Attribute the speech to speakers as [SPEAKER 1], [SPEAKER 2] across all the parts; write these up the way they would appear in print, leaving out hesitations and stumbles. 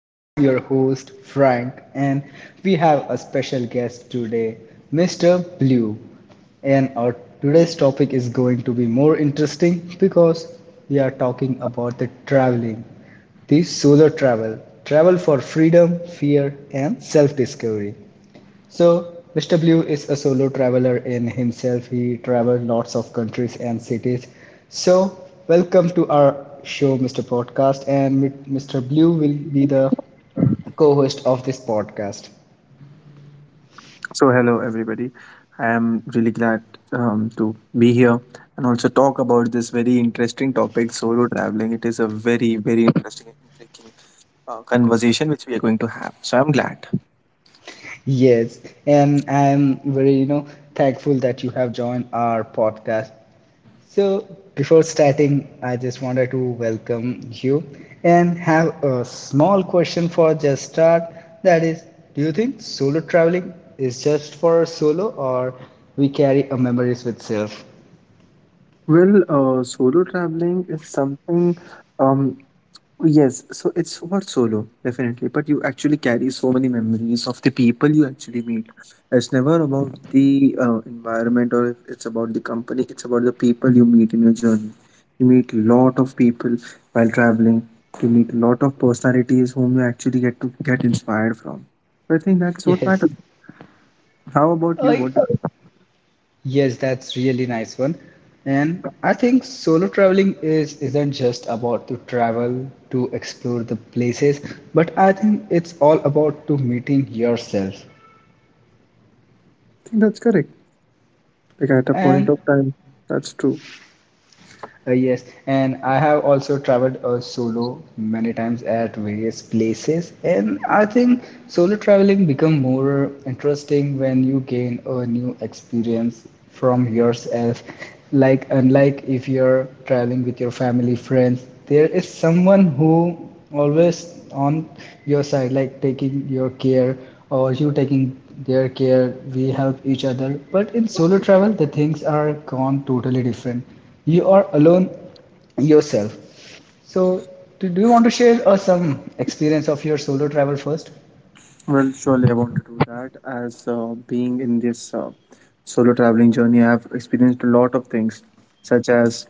[SPEAKER 1] I am your host, Frank, and we have a special guest today, Mr. Blue. And our today's topic is going to be more interesting because we are talking about the traveling, the solar travel, travel for freedom, fear, and self discovery. So, Mr. Blue is a solo traveler in himself. He travels lots of countries and cities. So, welcome to our show, Mr. Podcast, and Mr. Blue will be the co-host of this podcast.
[SPEAKER 2] So, hello everybody. I am really glad to be here and also talk about this very interesting topic, solo traveling. It is a very, very interesting and intriguing conversation which we are going to have. So, I'm glad.
[SPEAKER 1] Yes, and I am very, thankful that you have joined our podcast. So, before starting, I just wanted to welcome you and have a small question for just start. That is, do you think solo traveling is just for solo or we carry a memories with self?
[SPEAKER 2] Well, solo traveling is something. Um, Yes, so it's for solo, definitely. But you actually carry so many memories of the people you actually meet. It's never about the environment, or if it's about the company. It's about the people you meet in your journey. You meet lot of people while traveling. You meet lot of personalities whom you actually get to get inspired from. So I think that's what
[SPEAKER 1] Yes.
[SPEAKER 2] matters. How about you?
[SPEAKER 1] I
[SPEAKER 2] What? I
[SPEAKER 1] Yes, that's really nice one. And I think solo traveling is isn't just about to travel to explore the places, but I think it's all about to meeting yourself.
[SPEAKER 2] think that's correct. Like at a point
[SPEAKER 1] And
[SPEAKER 2] of time, that's true.
[SPEAKER 1] Yes, and I have also traveled solo many times at various places, and I think solo traveling become more interesting when you gain a new experience from yourself. Like unlike if you're traveling with your family, friends, there is someone who always on your side, like taking your care or you taking their care. We help each other, but in solo travel, the things are gone totally different, you are alone yourself. So, do you want to share us some experience of your solo travel first?
[SPEAKER 2] Well, surely I want to do that as being in this solo traveling journey, I've experienced a lot of things, such as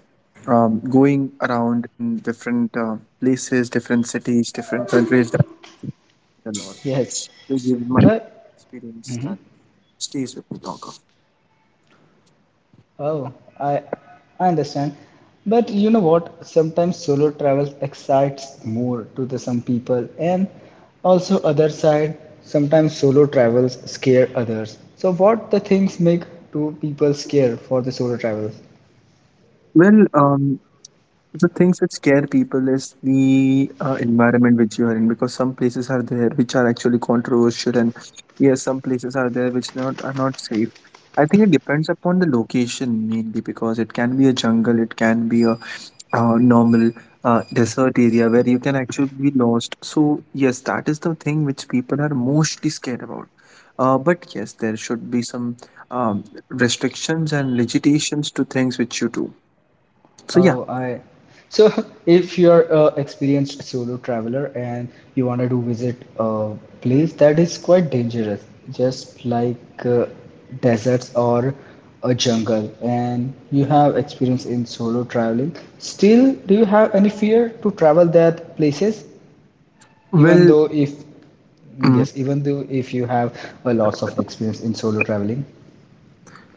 [SPEAKER 2] going around in different places, different cities, different countries. That a lot.
[SPEAKER 1] Yes,
[SPEAKER 2] They give my
[SPEAKER 1] but
[SPEAKER 2] experience that stays with me longer.
[SPEAKER 1] oh, I I understand. But you know what? Sometimes solo travel excites more to the some people, and also other side. Sometimes solo travels scare others. So, what the things make two people scare for the solo travels?
[SPEAKER 2] Well, the things which scare people is the environment which you are in, because some places are there which are actually controversial, and yes, some places are there which not are not safe. I think it depends upon the location mainly, because it can be a jungle, it can be a normal desert area where you can actually be lost. So, yes, that is the thing which people are mostly scared about. But yes, there should be some restrictions and limitations to things which you do. So, yeah,
[SPEAKER 1] Oh, I. So, if you're a experienced solo traveler and you wanted to visit a place that is quite dangerous, just like uh, deserts or a jungle, and you have experience in solo traveling, still, do you have any fear to travel that places? Even
[SPEAKER 2] well,
[SPEAKER 1] though if yes, even though if you have a lots of experience in solo traveling.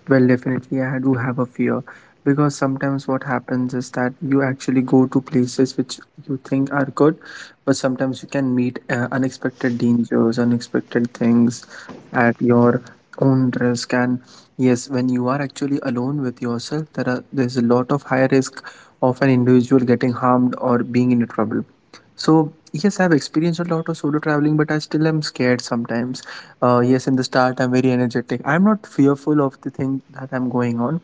[SPEAKER 2] Well, definitely, I do have a fear, because sometimes what happens is that you actually go to places which you think are good, but sometimes you can meet unexpected dangers, unexpected things at your own risk. And yes, when you are actually alone with yourself, there's a lot of high risk of an individual getting harmed or being in trouble. So yes, I've experienced a lot of solo traveling, but I still am scared sometimes. Yes, in the start, I'm very energetic. I'm not fearful of the thing that I'm going on,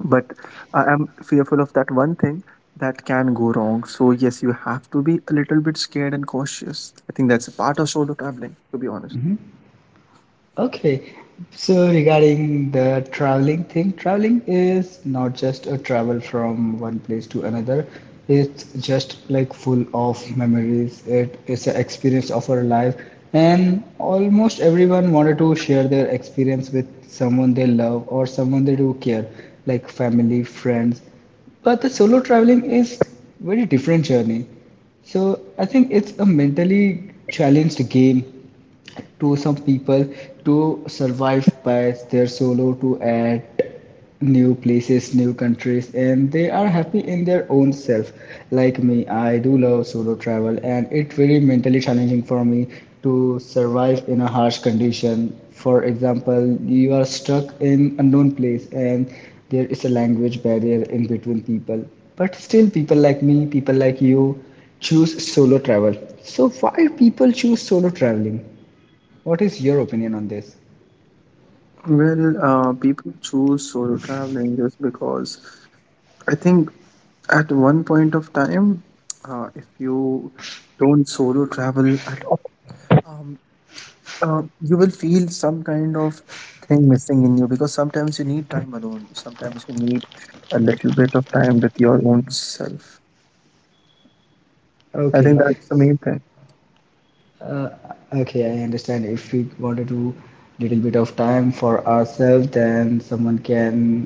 [SPEAKER 2] but I am fearful of that one thing that can go wrong. So yes, you have to be a little bit scared and cautious. I think that's a part of solo traveling, to be honest.
[SPEAKER 1] Okay, so regarding the traveling thing, traveling is not just a travel from one place to another. It's just like full of memories. It is an experience of our life, and almost everyone wanted to share their experience with someone they love or someone they do care, like family, friends. But the solo traveling is very different journey. So I think it's a mentally challenged game to some people to survive by their solo to add new places, new countries, and they are happy in their own self. Like me, I do love solo travel and it really mentally challenging for me to survive in a harsh condition. For example, you are stuck in unknown place and there is a language barrier in between people, but still people like me, people like you choose solo travel. So, why people choose solo traveling? What is your opinion on this?
[SPEAKER 2] Well, people choose solo traveling just because I think at one point of time, if you don't solo travel at all, um, you will feel some kind of thing missing in you, because sometimes you need time alone. Sometimes you need a little bit of time with your own self. I think
[SPEAKER 1] Okay,
[SPEAKER 2] that's the main thing.
[SPEAKER 1] uh, okay, I understand. If we wanted to little bit of time for ourselves, then someone can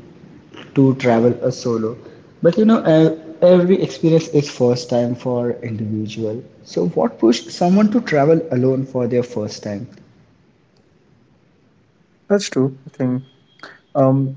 [SPEAKER 1] to travel a solo. But you know, every experience is first time for individual. So, what pushed someone to travel alone for their first time?
[SPEAKER 2] That's true. I think. Um,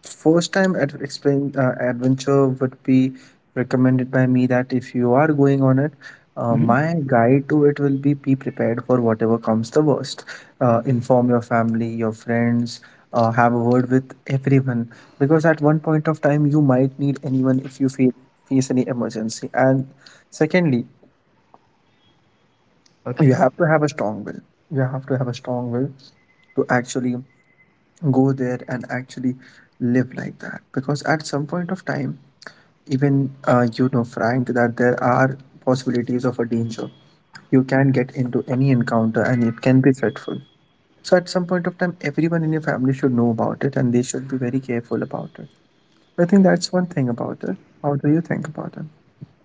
[SPEAKER 2] first time explain adventure would be recommended by me, that if you are going on it,
[SPEAKER 1] Hmm.
[SPEAKER 2] my guide to it will be prepared for whatever comes the worst. Inform your family, your friends. Have a word with everyone, because at one point of time you might need anyone if you feel face any emergency. And secondly, you
[SPEAKER 1] Okay.
[SPEAKER 2] have to have a strong will, you have to have a strong will to actually go there and actually live like that, because at some point of time, even you know, Frank, that there are possibilities of a danger. You can get into any encounter and it can be threatful. So, at some point of time, everyone in your family should know about it and they should be very careful about it. I think that's one thing about it. How do you think about it?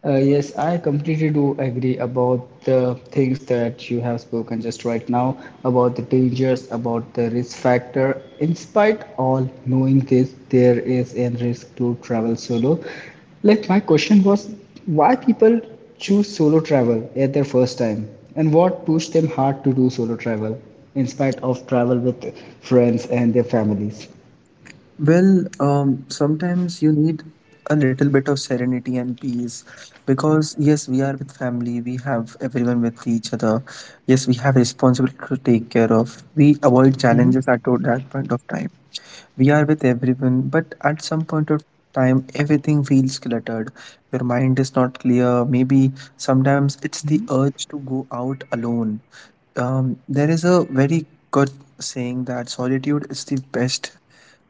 [SPEAKER 1] Yes, I completely do agree about the things that you have spoken just right now about the dangers, about the risk factor. In spite all knowing this, there is a risk to travel solo. Like my question was, why people choose solo travel at their first time, and what pushed them hard to do solo travel in spite of travel with friends and their families?
[SPEAKER 2] Well, sometimes you need a little bit of serenity and peace, because, yes, we are with family, we have everyone with each other. Yes, we have responsibility to take care of. We avoid challenges at that point of time. We are with everyone, but at some point of time, everything feels cluttered. Your mind is not clear. Maybe sometimes it's the urge to go out alone. There is a very good saying that solitude is the best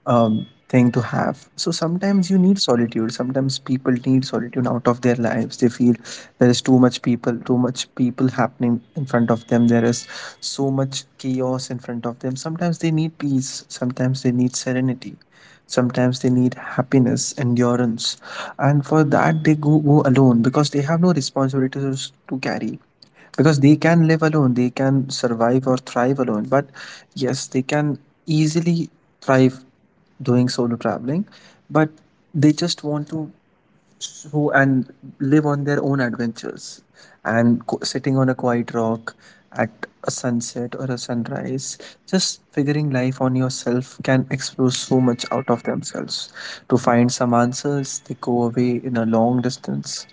[SPEAKER 2] thing to have. So sometimes you need solitude. Sometimes people need solitude out of their lives. They feel there is too much people happening in front of them. There is so much chaos in front of them. Sometimes they need peace. Sometimes they need serenity. Sometimes they need happiness, endurance, and for that they go alone, because they have no responsibilities to carry, because they can live alone, they can survive or thrive alone. But yes, they can easily thrive doing solo traveling, but they just want to so and live on their own adventures, and sitting on a quiet rock at a sunset or a sunrise, just figuring life on yourself can explore so much out of themselves. To find some answers they go away in a long distance,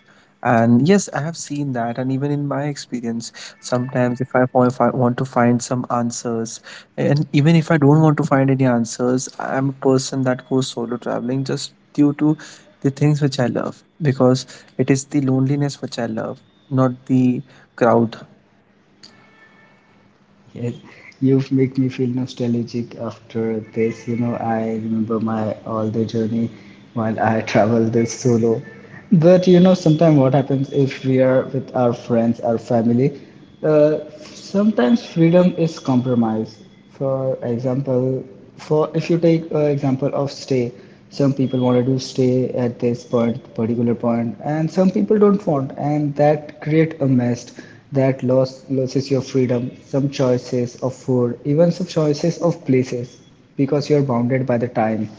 [SPEAKER 2] and yes, I have seen that, and even in my experience, sometimes if I want to find some answers, and even if I don't want to find any answers, I'm a person that goes solo traveling just due to the things which I love, because it is the loneliness which I love, not the crowd.
[SPEAKER 1] Yes, you've made me feel nostalgic after this. You know, I remember my all the journey while I travel this solo. But you know, sometimes what happens if we are with our friends, our family, uh, sometimes freedom is compromised. For example, for if you take an example of stay, some people wanted to stay at this point, particular point, and some people don't want, and that create a mess that loss loses your freedom, some choices of food, even some choices of places because you're bounded by the time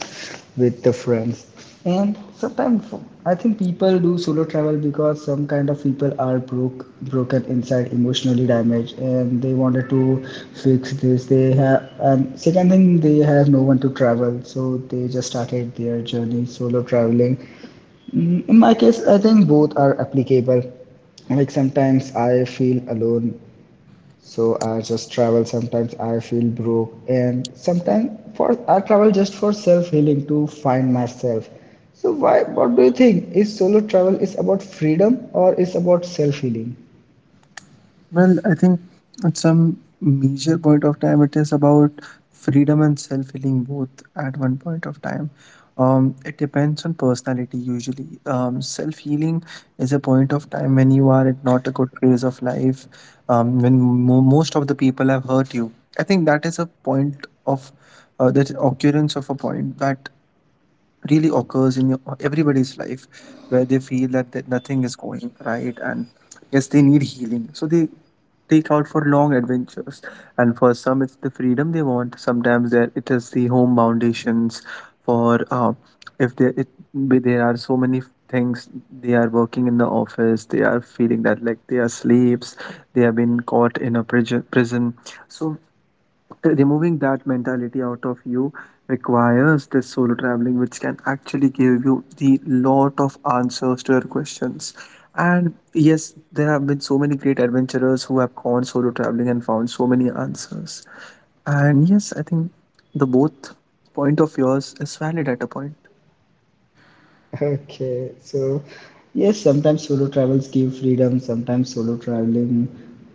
[SPEAKER 1] with the friends. And sometimes I think people do solo travel because some kind of people are broken inside, emotionally damaged, and they wanted to fix this they have. And second thing, they have no one to travel, so they just started their journey solo traveling. Mm, in my case I think both are applicable. Like sometimes I feel alone, so I just travel. Sometimes I feel broke, and sometimes for I travel just for self healing to find myself. So why, what do you think, is solo travel is about freedom or is about self healing?
[SPEAKER 2] Well, I think at some major point of time, it is about freedom and self healing both at one point of time. It depends on personality usually. Self healing is a point of time when you are at not a good phase of life, when most of the people have hurt you. I think that is a point of that occurrence of a point that really occurs in everybody's life, where they feel that nothing is going right, and yes, they need healing, so they take out for long adventures. And for some it's the freedom they want. Sometimes there it is the home foundations for if they it, but there are so many things. They are working in the office, they are feeling that like they are slaves, they have been caught in a prison, so removing that mentality out of you requires this solo traveling, which can actually give you the lot of answers to your questions. And yes, there have been so many great adventurers who have gone solo traveling and found so many answers. And yes, I think the both point of yours is valid at a point.
[SPEAKER 1] Okay, so yes, sometimes solo travels give freedom, sometimes solo traveling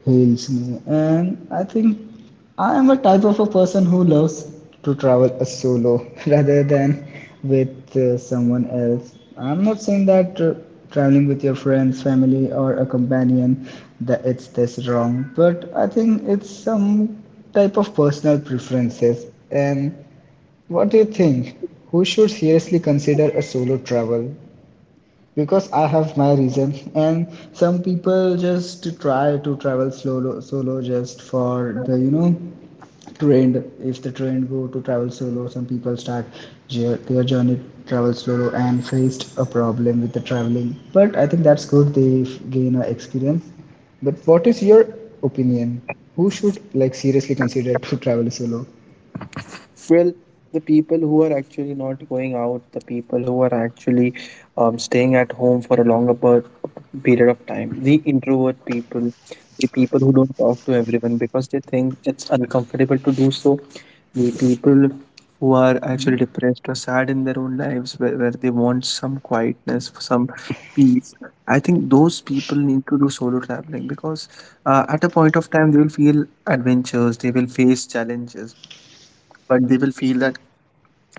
[SPEAKER 1] heals me. And I think I am a type of a person who loves to travel a solo rather than with someone else. I'm not saying that traveling with your friends, family, or a companion that it's this wrong, but I think it's some type of personal preferences. And what do you think? Who should seriously consider a solo travel? Because I have my reason, and some people just try to travel solo just for the, you know, trend. If the trend go to travel solo, some people start their journey travel solo and faced a problem with the traveling. But I think that's good; they gain a experience. But what is your opinion? Who should like seriously consider to travel solo?
[SPEAKER 2] Well, the people who are actually not going out, the people who are actually staying at home for a longer period of time, the introvert people, the people who don't talk to everyone because they think it's uncomfortable to do so, the people who are actually depressed or sad in their own lives, where they want some quietness, some peace. I think those people need to do solo traveling, because at a point of time they will feel adventures, they will face challenges, but they will feel that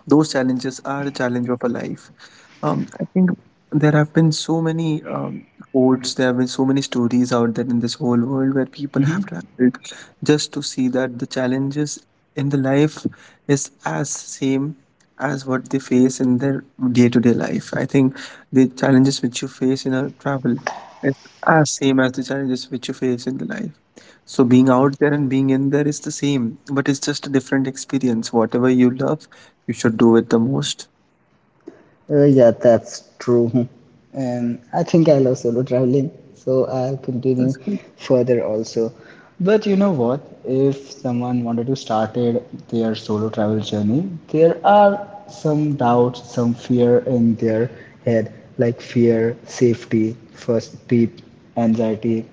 [SPEAKER 2] those challenges are a challenge of a life. I think there have been so many quotes, there have been so many stories out there in this whole world, where people
[SPEAKER 1] Mm-hmm.
[SPEAKER 2] have traveled just to see that the challenges in the life is as same as what they face in their day-to-day life. I think the challenges which you face in a travel is as same as the challenges which you face in the life. So being out there and being in there is the same, but it's just a different experience. Whatever you love you should do it the most.
[SPEAKER 1] Yeah, that's true. And I think I love solo traveling, so I'll continue
[SPEAKER 2] That's good.
[SPEAKER 1] further also. But you know what? If someone wanted to start it, their solo travel journey, there are some doubts, some fear in their head, like fear, safety, first trip, anxiety,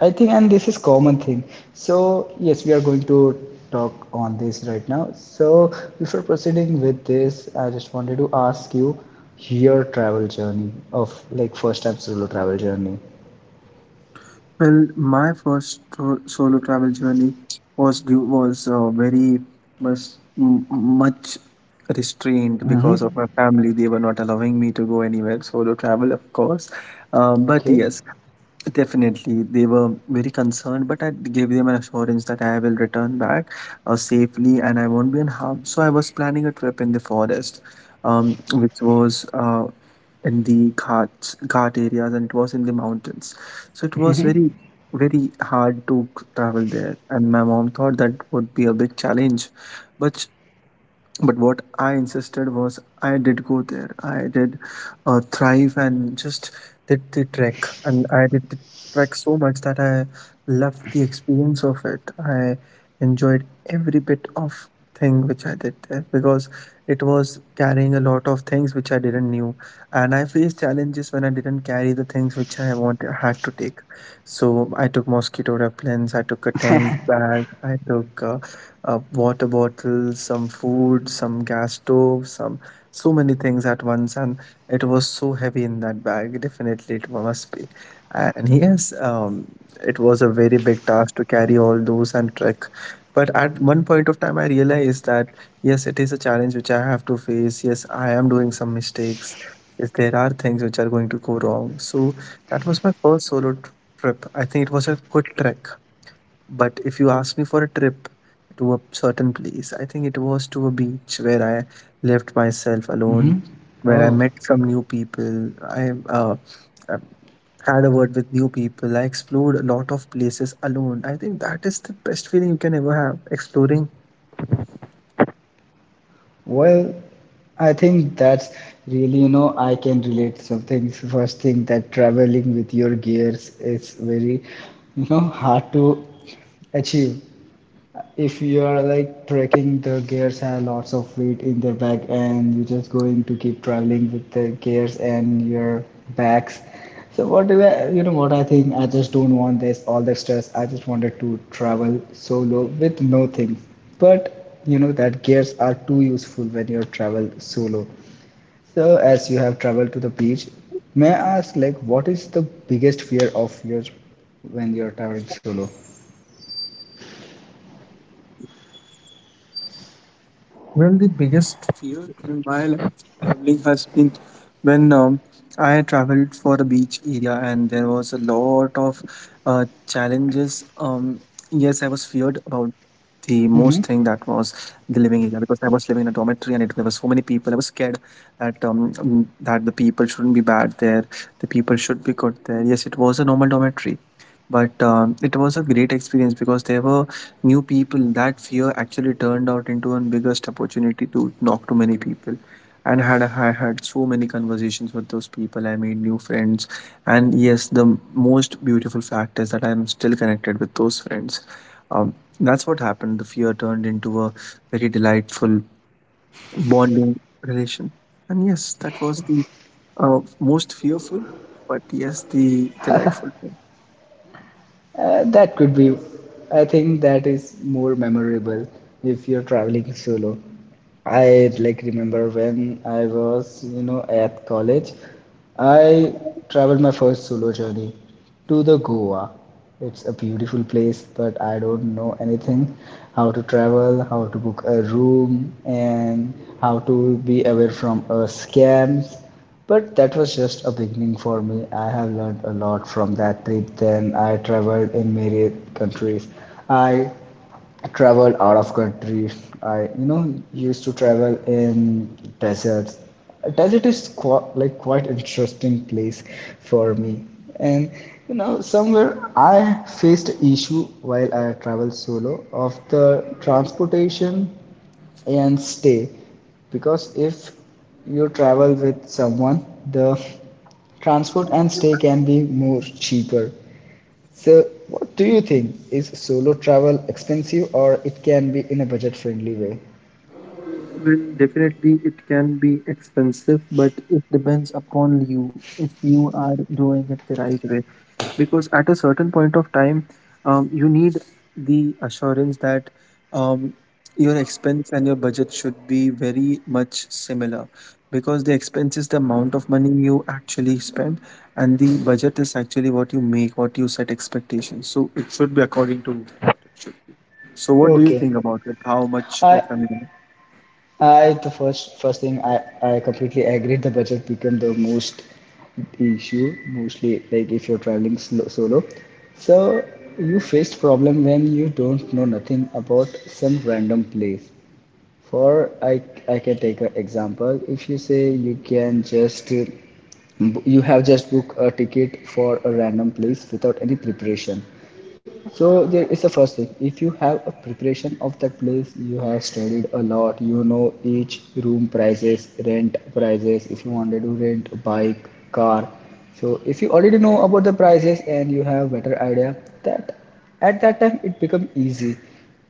[SPEAKER 1] I think, and this is common thing. So yes, we are going to talk on this right now. So before proceeding with this, I just wanted to ask you your travel journey of like first time solo travel journey.
[SPEAKER 2] Well, my first solo travel journey was very much much restrained
[SPEAKER 1] Mm-hmm.
[SPEAKER 2] because of my family. They were not allowing me to go anywhere solo travel, of course. But
[SPEAKER 1] Okay.
[SPEAKER 2] yes, definitely, they were very concerned, but I gave them an assurance that I will return back safely and I won't be in harm. So I was planning a trip in the forest, which was in the ghat areas and it was in the mountains, so it was
[SPEAKER 1] Mm-hmm.
[SPEAKER 2] very very hard to travel there, and my mom thought that would be a big challenge, but sh- but what I insisted was, I did go there, I did thrive and just did the trek, and I did the trek so much that I loved the experience of it. I enjoyed every bit of thing which I did there, because it was carrying a lot of things which I didn't knew, and I faced challenges when I didn't carry the things which I want had to take. So I took mosquito repellents, I took a tent bag, I took a water bottle, some food, some gas stove, some so many things at once, and it was so heavy in that bag. Definitely, it must be. And yes, it was a very big task to carry all those and trek. But at one point of time, I realized that yes, it is a challenge which I have to face. Yes, I am doing some mistakes. Yes, there are things which are going to go wrong. So that was my first solo trip. I think it was a good trek. But if you ask me for a trip to a certain place, I think it was to a beach where I left myself alone,
[SPEAKER 1] Mm-hmm.
[SPEAKER 2] where I
[SPEAKER 1] Oh,
[SPEAKER 2] met some new people. I uh, had a word with new people. I explored a lot of places alone. I think that is the best feeling you can ever have exploring.
[SPEAKER 1] well, I think that's really, you know, I can relate some things. First thing, that traveling with your gears is very, you know, hard to achieve. If you are like trekking, the gears have lots of weight in their back, and you're just going to keep traveling with the gears and your backs. So what do I, you know what I think? I just don't want this all the stress. I just wanted to travel solo with no things. But you know that gears are too useful when you travel solo. So as you have traveled to the beach, may I ask like what is the biggest fear of yours when you're traveling solo?
[SPEAKER 2] Well, the biggest fear in my life traveling has been when I traveled for a beach area and there was a lot of challenges. Yes, I was feared about the most thing that was the living area
[SPEAKER 1] Mm-hmm.
[SPEAKER 2] because I was living in a dormitory and it there were so many people. I was scared that that the people shouldn't be bad there, the people should be good there. Yes, it was a normal dormitory, but it was a great experience because there were new people. That fear actually turned out into a biggest opportunity to talk to many people, and had I had so many conversations with those people. I made new friends, and yes, the most beautiful fact is that I'm still connected with those friends. um, that's what happened. The fear turned into a very delightful bonding relation, and yes, that was the most fearful, but yes, the delightful.
[SPEAKER 1] That could be, I think that is more memorable if you're traveling solo. I like remember when I was, you know, at college, I traveled my first solo journey to the Goa. It's a beautiful place, but I don't know anything, how to travel, how to book a room, and how to be away from scams. But that was just a beginning for me. I have learned a lot from that trip. Then I traveled in many countries. I traveled out of country. I, you know, used to travel in deserts. Desert is quite, like quite interesting place for me. And you know, somewhere I faced issue while I travel solo of the transportation and stay because if you travel with someone, the transport and stay can be more cheaper. So what do you think, is solo travel expensive or it can be in a budget friendly way?
[SPEAKER 2] Well, definitely it can be expensive, but it depends upon you if you are doing it the right way. Because at a certain point of time, you need the assurance that um, your expense and your budget should be very much similar. Because the expense is the amount of money you actually spend, and the budget is actually what you make, what you set expectations. So it should be according to what it should be. So, what do you
[SPEAKER 1] Okay,
[SPEAKER 2] think about it? How much
[SPEAKER 1] i
[SPEAKER 2] of an.
[SPEAKER 1] I, the first thing, I completely agree. The budget become the most issue mostly like if you're traveling solo. So you faced problem when you don't know nothing about some random place. For I can take an example. If you say you can just you have just booked a ticket for a random place without any preparation, so there is the first thing. If you have a preparation of that place, you have studied a lot. You know each room prices, rent prices. If you wanted to rent a bike, car. So if you already know about the prices and you have better idea, that at that time it become easy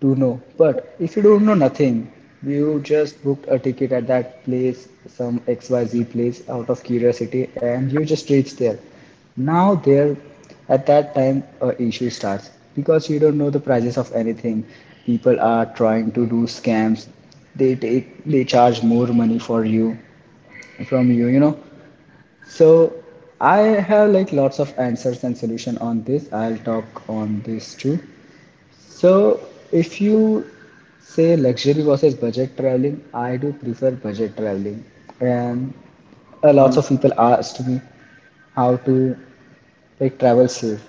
[SPEAKER 1] to know. But if you don't know nothing, you just booked a ticket at that place, some XYZ place, out of curiosity, and you just reach there. Now there, at that time, a issue starts because you don't know the prices of anything. People are trying to do scams. They take, they charge more money for you, from you, you know. So I have like lots of answers and solution on this. I'll talk on this too. So, if you say luxury versus budget traveling, I do prefer budget traveling. And a lots of people asked me how to like travel safe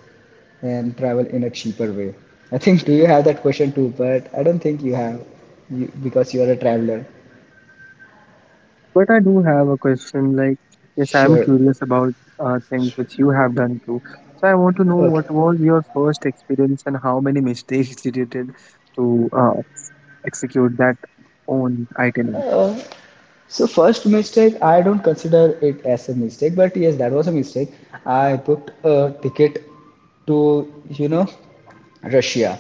[SPEAKER 1] and travel in a cheaper way. I think do you have that question too? But I don't think you have because you are a traveler.
[SPEAKER 2] But I do have a question. Like, yes, I'm
[SPEAKER 1] Sure.
[SPEAKER 2] curious about things
[SPEAKER 1] Sure.
[SPEAKER 2] which you have done too. So I want to know what
[SPEAKER 1] Okay.
[SPEAKER 2] was your first experience and how many mistakes did you did to execute that own itinerary.
[SPEAKER 1] Uh, So first mistake, I don't consider it as a mistake, but yes, that was a mistake. I booked a ticket to, you know, Russia,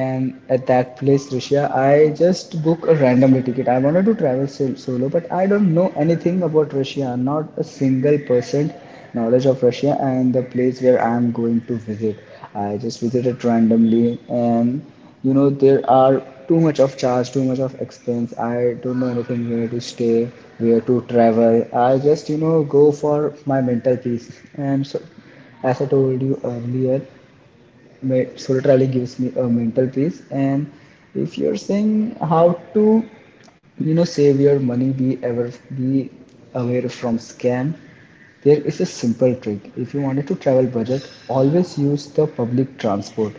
[SPEAKER 1] and at that place Russia I just booked a randomly ticket. I wanted to travel solo, but I don't know anything about Russia, not a single percent knowledge of Russia and the place where I am going to visit. I just visited randomly, and you know there are too much of charge, too much of expense. I don't know anything where to stay, where to travel. I just, you know, go for my mental peace. And so as I told you earlier, solo traveling gives me a mental peace. And if you're saying how to, you know, save your money, be ever be aware from scam. There is a simple trick. If you wanted to travel budget, always use the public transport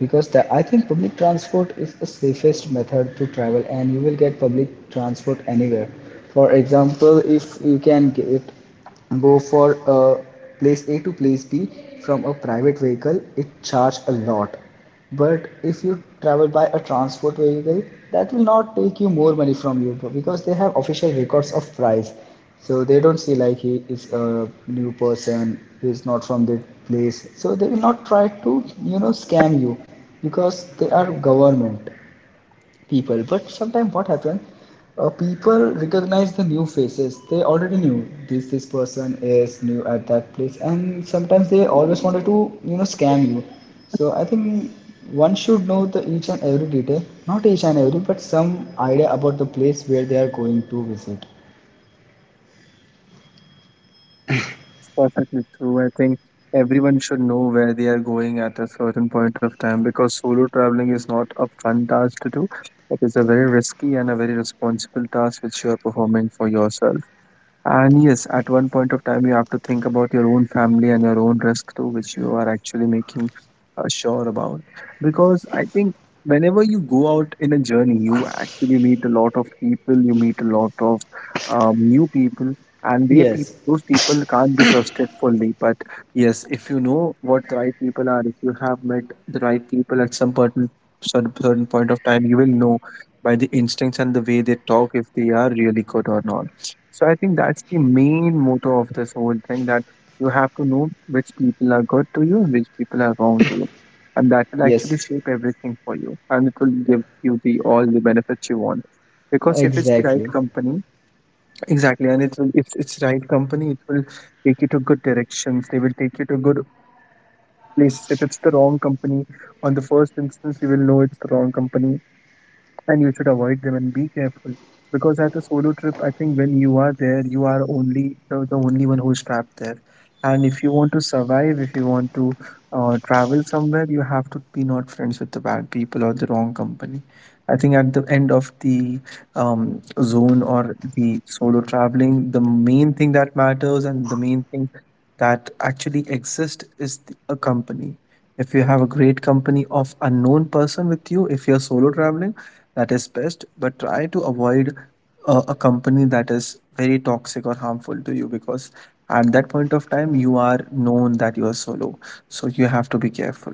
[SPEAKER 1] because that I think public transport is the safest method to travel, and you will get public transport anywhere. For example, if you can get go for a place A to place B from a private vehicle, it charge a lot. But if you travel by a transport vehicle, that will not take you more money from you because they have official records of price, so they don't see like he is a new person, he is not from the place, so they will not try to, you know, scam you because they are government people. But sometimes what happen, people recognize the new faces. They already knew this person is new at that place, and sometimes they always wanted to, you know, scam you. So I think one should know the each and every detail, not each and every but some idea about the place where they are going to visit.
[SPEAKER 2] That's perfectly true. I think everyone should know where they are going at a certain point of time because solo traveling is not a fun task to do. It is a very risky and a very responsible task which you are performing for yourself. And yes, at one point of time, you have to think about your own family and your own risk too, which you are actually making sure about. Because I think whenever you go out in a journey, you actually meet a lot of people, you meet a lot of new people, and they peop
[SPEAKER 1] Yes.
[SPEAKER 2] those people can't be trusted fully. But yes, if you know what the right people are, if you have met the right people at some certain point of time, you will know by the instincts and the way they talk if they are really good or not. So I think that's the main motto of this whole thing, that you have to know which people are good to you and which people are wrong to you. And that will actually
[SPEAKER 1] Yes.
[SPEAKER 2] shape everything for you, and it will give you the all the benefits you want. Because if it's the right
[SPEAKER 1] Exactly.
[SPEAKER 2] company, exactly, and it's if it's right company, it will take you to good directions. They will take you to good places. If it's the wrong company, on the first instance, you will know it's the wrong company and you should avoid them and be careful, because at a solo trip, I think when you are there, you are only the only one who is trapped there. And if you want to survive, if you want to travel somewhere, you have to be not friends with the bad people or the wrong company. I think at the end of the um, zone or the solo traveling, the main thing that matters and the main thing that actually exists is a company. If you have a great company of unknown person with you, if you're solo traveling, that is best, but try to avoid a company that is very toxic or harmful to you, because at that point of time, you are known that you are solo, so you have to be careful.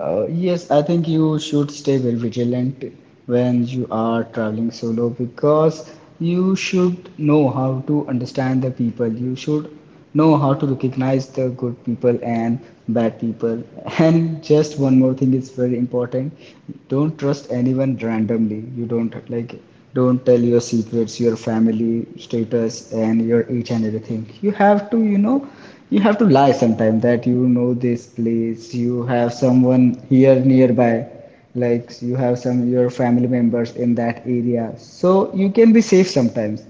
[SPEAKER 1] Yes, I think you should stay very vigilant when you are traveling solo because you should know how to understand the people. You should know how to recognize the good people and bad people. And just one more thing is very important. Don't trust anyone randomly. You don't like don't tell your secrets, your family status, and your each and everything. You have to, you know, you have to lie sometime that you know this place you have someone here nearby, like you have some your family members in that area so you can be safe sometimes.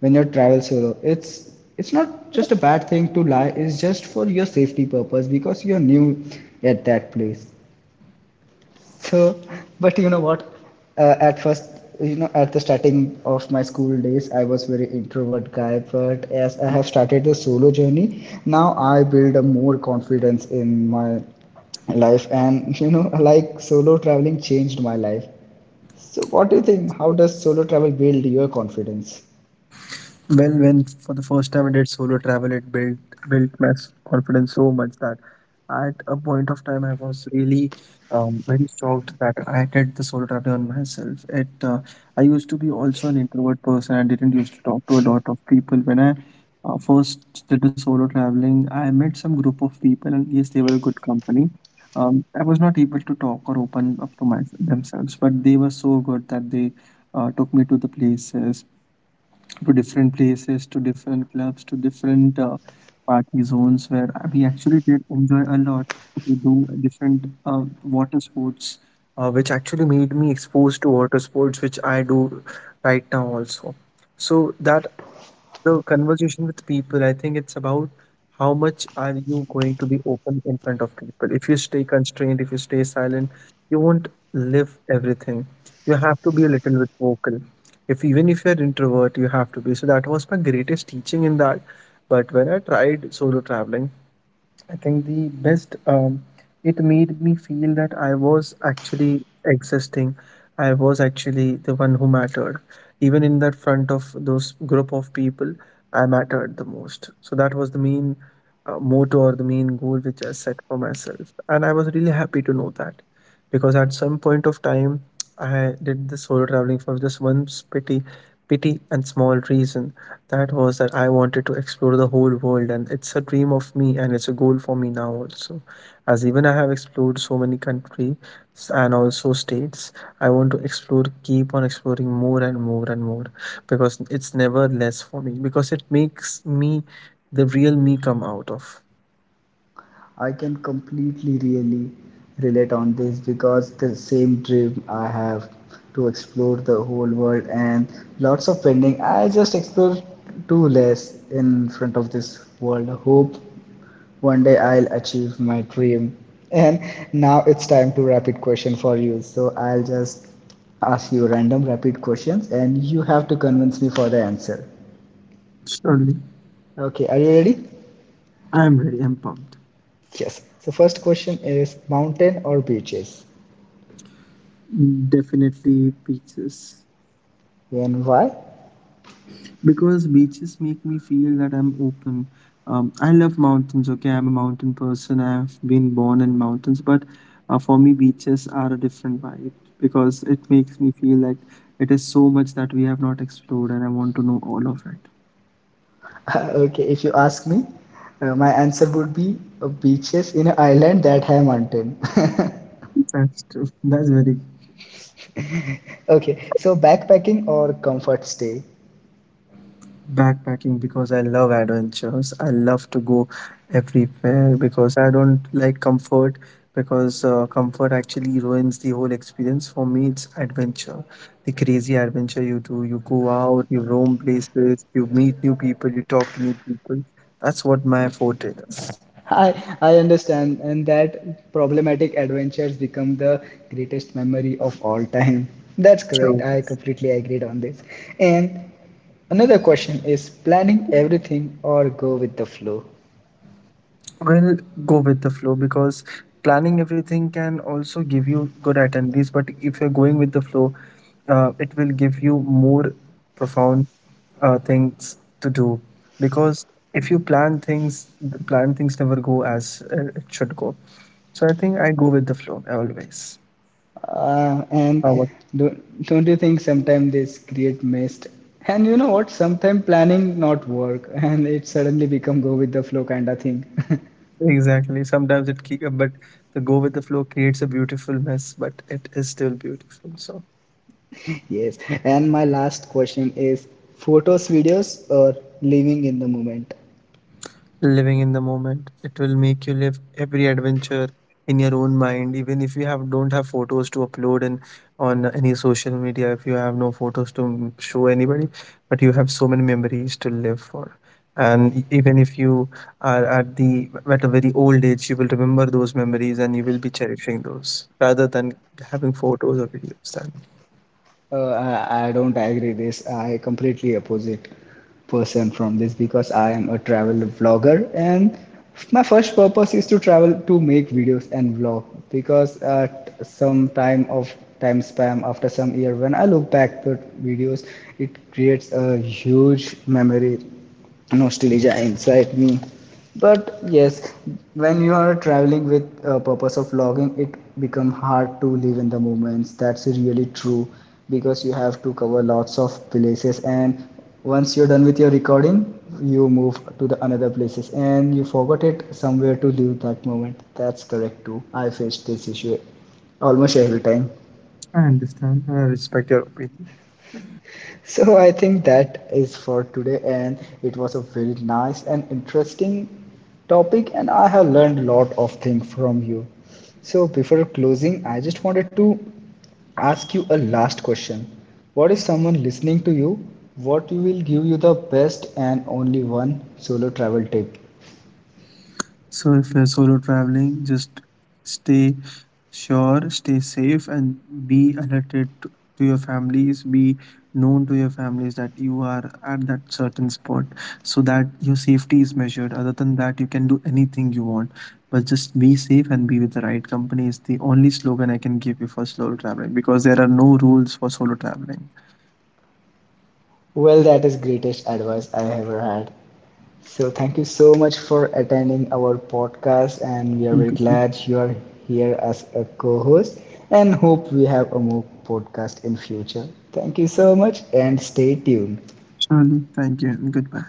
[SPEAKER 1] When you travel solo, it's not just a bad thing to lie, it's just for your safety purpose because you're new at that place. So, but you know what? At first, you know, at the starting of my school days, I was very introvert guy. But as I have started the solo journey, now I build a more confidence in my life, and you know, like solo traveling changed my life. So, what do you think? How does solo travel build your confidence?
[SPEAKER 2] Well, when for the first time I did solo travel, it built my s- confidence so much that at a point of time I was really very shocked that I did the solo traveling on myself. It I used to be also an introvert person. I didn't used to talk to a lot of people. When I first did the solo traveling, I met some group of people, and yes, they were a good company. I was not able to talk or open up to my, themselves, but they were so good that they took me to the places, to different clubs, to different party zones where we actually did enjoy a lot. We do different water sports, which actually made me exposed to water sports, which I do right now also. So that the conversation with people, I think it's about how much are you going to be open in front of people. If you stay constrained, if you stay silent, you won't live everything. You have to be a little bit vocal. If even if you're introvert, you have to be. So that was my greatest teaching in that. But when I tried solo traveling, I think the best, it made me feel that I was actually existing. I was actually the one who mattered. Even in that front of those group of people, I mattered the most. So that was the main motto or the main goal which I set for myself. And I was really happy to know that, because at some point of time, I did this solo traveling for just one petty and small reason. That was that I wanted to explore the whole world, and it's a dream of me, and it's a goal for me now also. As even I have explored so many countries and also states, I want to explore, keep on exploring more and more and more, because it's never less for me. Because it makes me, the real me, come out of.
[SPEAKER 1] I can completely really relate on this because the same dream I have, to explore the whole world, and lots of pending. I just explore too less in front of this world. Hope one day I'll achieve my dream. And now it's time to rapid question for you. So I'll just ask you random rapid questions, and you have to convince me for the answer.
[SPEAKER 2] Surely.
[SPEAKER 1] Okay, are you ready?
[SPEAKER 2] I'm ready. I'm pumped.
[SPEAKER 1] Yes. So first question is mountain or beaches?
[SPEAKER 2] Definitely peaches.
[SPEAKER 1] And why?
[SPEAKER 2] Because beaches make me feel that I'm open. I love mountains, okay? I'm a mountain person. I've been born in mountains, but for me, beaches are a different vibe, because it makes me feel like it is so much that we have not explored, and I want to know all of it.
[SPEAKER 1] Okay, if you ask me, my answer would be beaches in an island that have mountain.
[SPEAKER 2] That's true. That's very.
[SPEAKER 1] Okay, so backpacking or comfort stay?
[SPEAKER 2] Backpacking, because I love adventures. I love to go everywhere because I don't like comfort, because comfort actually ruins the whole experience. For me, it's adventure, the crazy adventure you do. You go out, you roam places, you meet new people, you talk to new people. That's what my forte is.
[SPEAKER 1] I I understand, and that problematic adventures become the greatest memory of all time. That's
[SPEAKER 2] Sure.
[SPEAKER 1] correct. I completely agreed on this. And another question is planning everything or go with the flow?
[SPEAKER 2] Well, go with the flow, because planning everything can also give you good itineraries. But if you're going with the flow, it will give you more profound things to do. Because if you plan things, the plan things never go as it should go. So I think I go with the flow always. How
[SPEAKER 1] And
[SPEAKER 2] about-
[SPEAKER 1] do, not don't you think sometimes this create mist? And you know what? Sometimes planning not work, and it suddenly become go with the flow kind of thing.
[SPEAKER 2] Exactly. Sometimes it keep, but the go with the flow creates a beautiful mess, but it is still beautiful. So.
[SPEAKER 1] Yes. And my last question is: photos, videos, or living in the moment?
[SPEAKER 2] Living in the moment, it will make you live every adventure in your own mind, even if you have don't have photos to upload and on any social media, if you have no photos to show anybody, but you have so many memories to live for. And e- even if you are at a very old age, you will remember those memories and you will be cherishing those rather than having photos or videos. Then
[SPEAKER 1] I don't agree this. I completely opposite person from this because I am a travel vlogger, and my first purpose is to travel to make videos and vlog because at some time of time span after some year when I look back the videos, it creates a huge memory, nostalgia inside me. But yes, when you are traveling with a purpose of vlogging, it become hard to live in the moments. That's really true because you have to cover lots of places, and once you're done with your recording, you move to the another places, and you forgot it somewhere to live that moment. That's correct too. I faced this issue almost every time.
[SPEAKER 2] I understand. I respect your opinion.
[SPEAKER 1] So I think that is for today, and it was a very nice and interesting topic, and I have learned a lot of things from you. So before closing, I just wanted to ask you a last question. What if someone listening to you, what will give you the best and only one solo travel tip?
[SPEAKER 2] So if you're solo traveling, just stay sure, stay safe, and be alerted to your families. Be known to your families that you are at that certain spot, so that your safety is measured. Other than that, you can do anything you want, but just be safe and be with the right company is the only slogan I can give you for solo traveling, because there are no rules for solo traveling.
[SPEAKER 1] Well, that is greatest advice I ever had. So, thank you so much for attending our podcast, and we are
[SPEAKER 2] Thank you,
[SPEAKER 1] very
[SPEAKER 2] sir.
[SPEAKER 1] glad you are here as a co-host, and hope we have a more podcast in future. Thank you so much, and stay tuned.
[SPEAKER 2] Surely, thank you, and goodbye.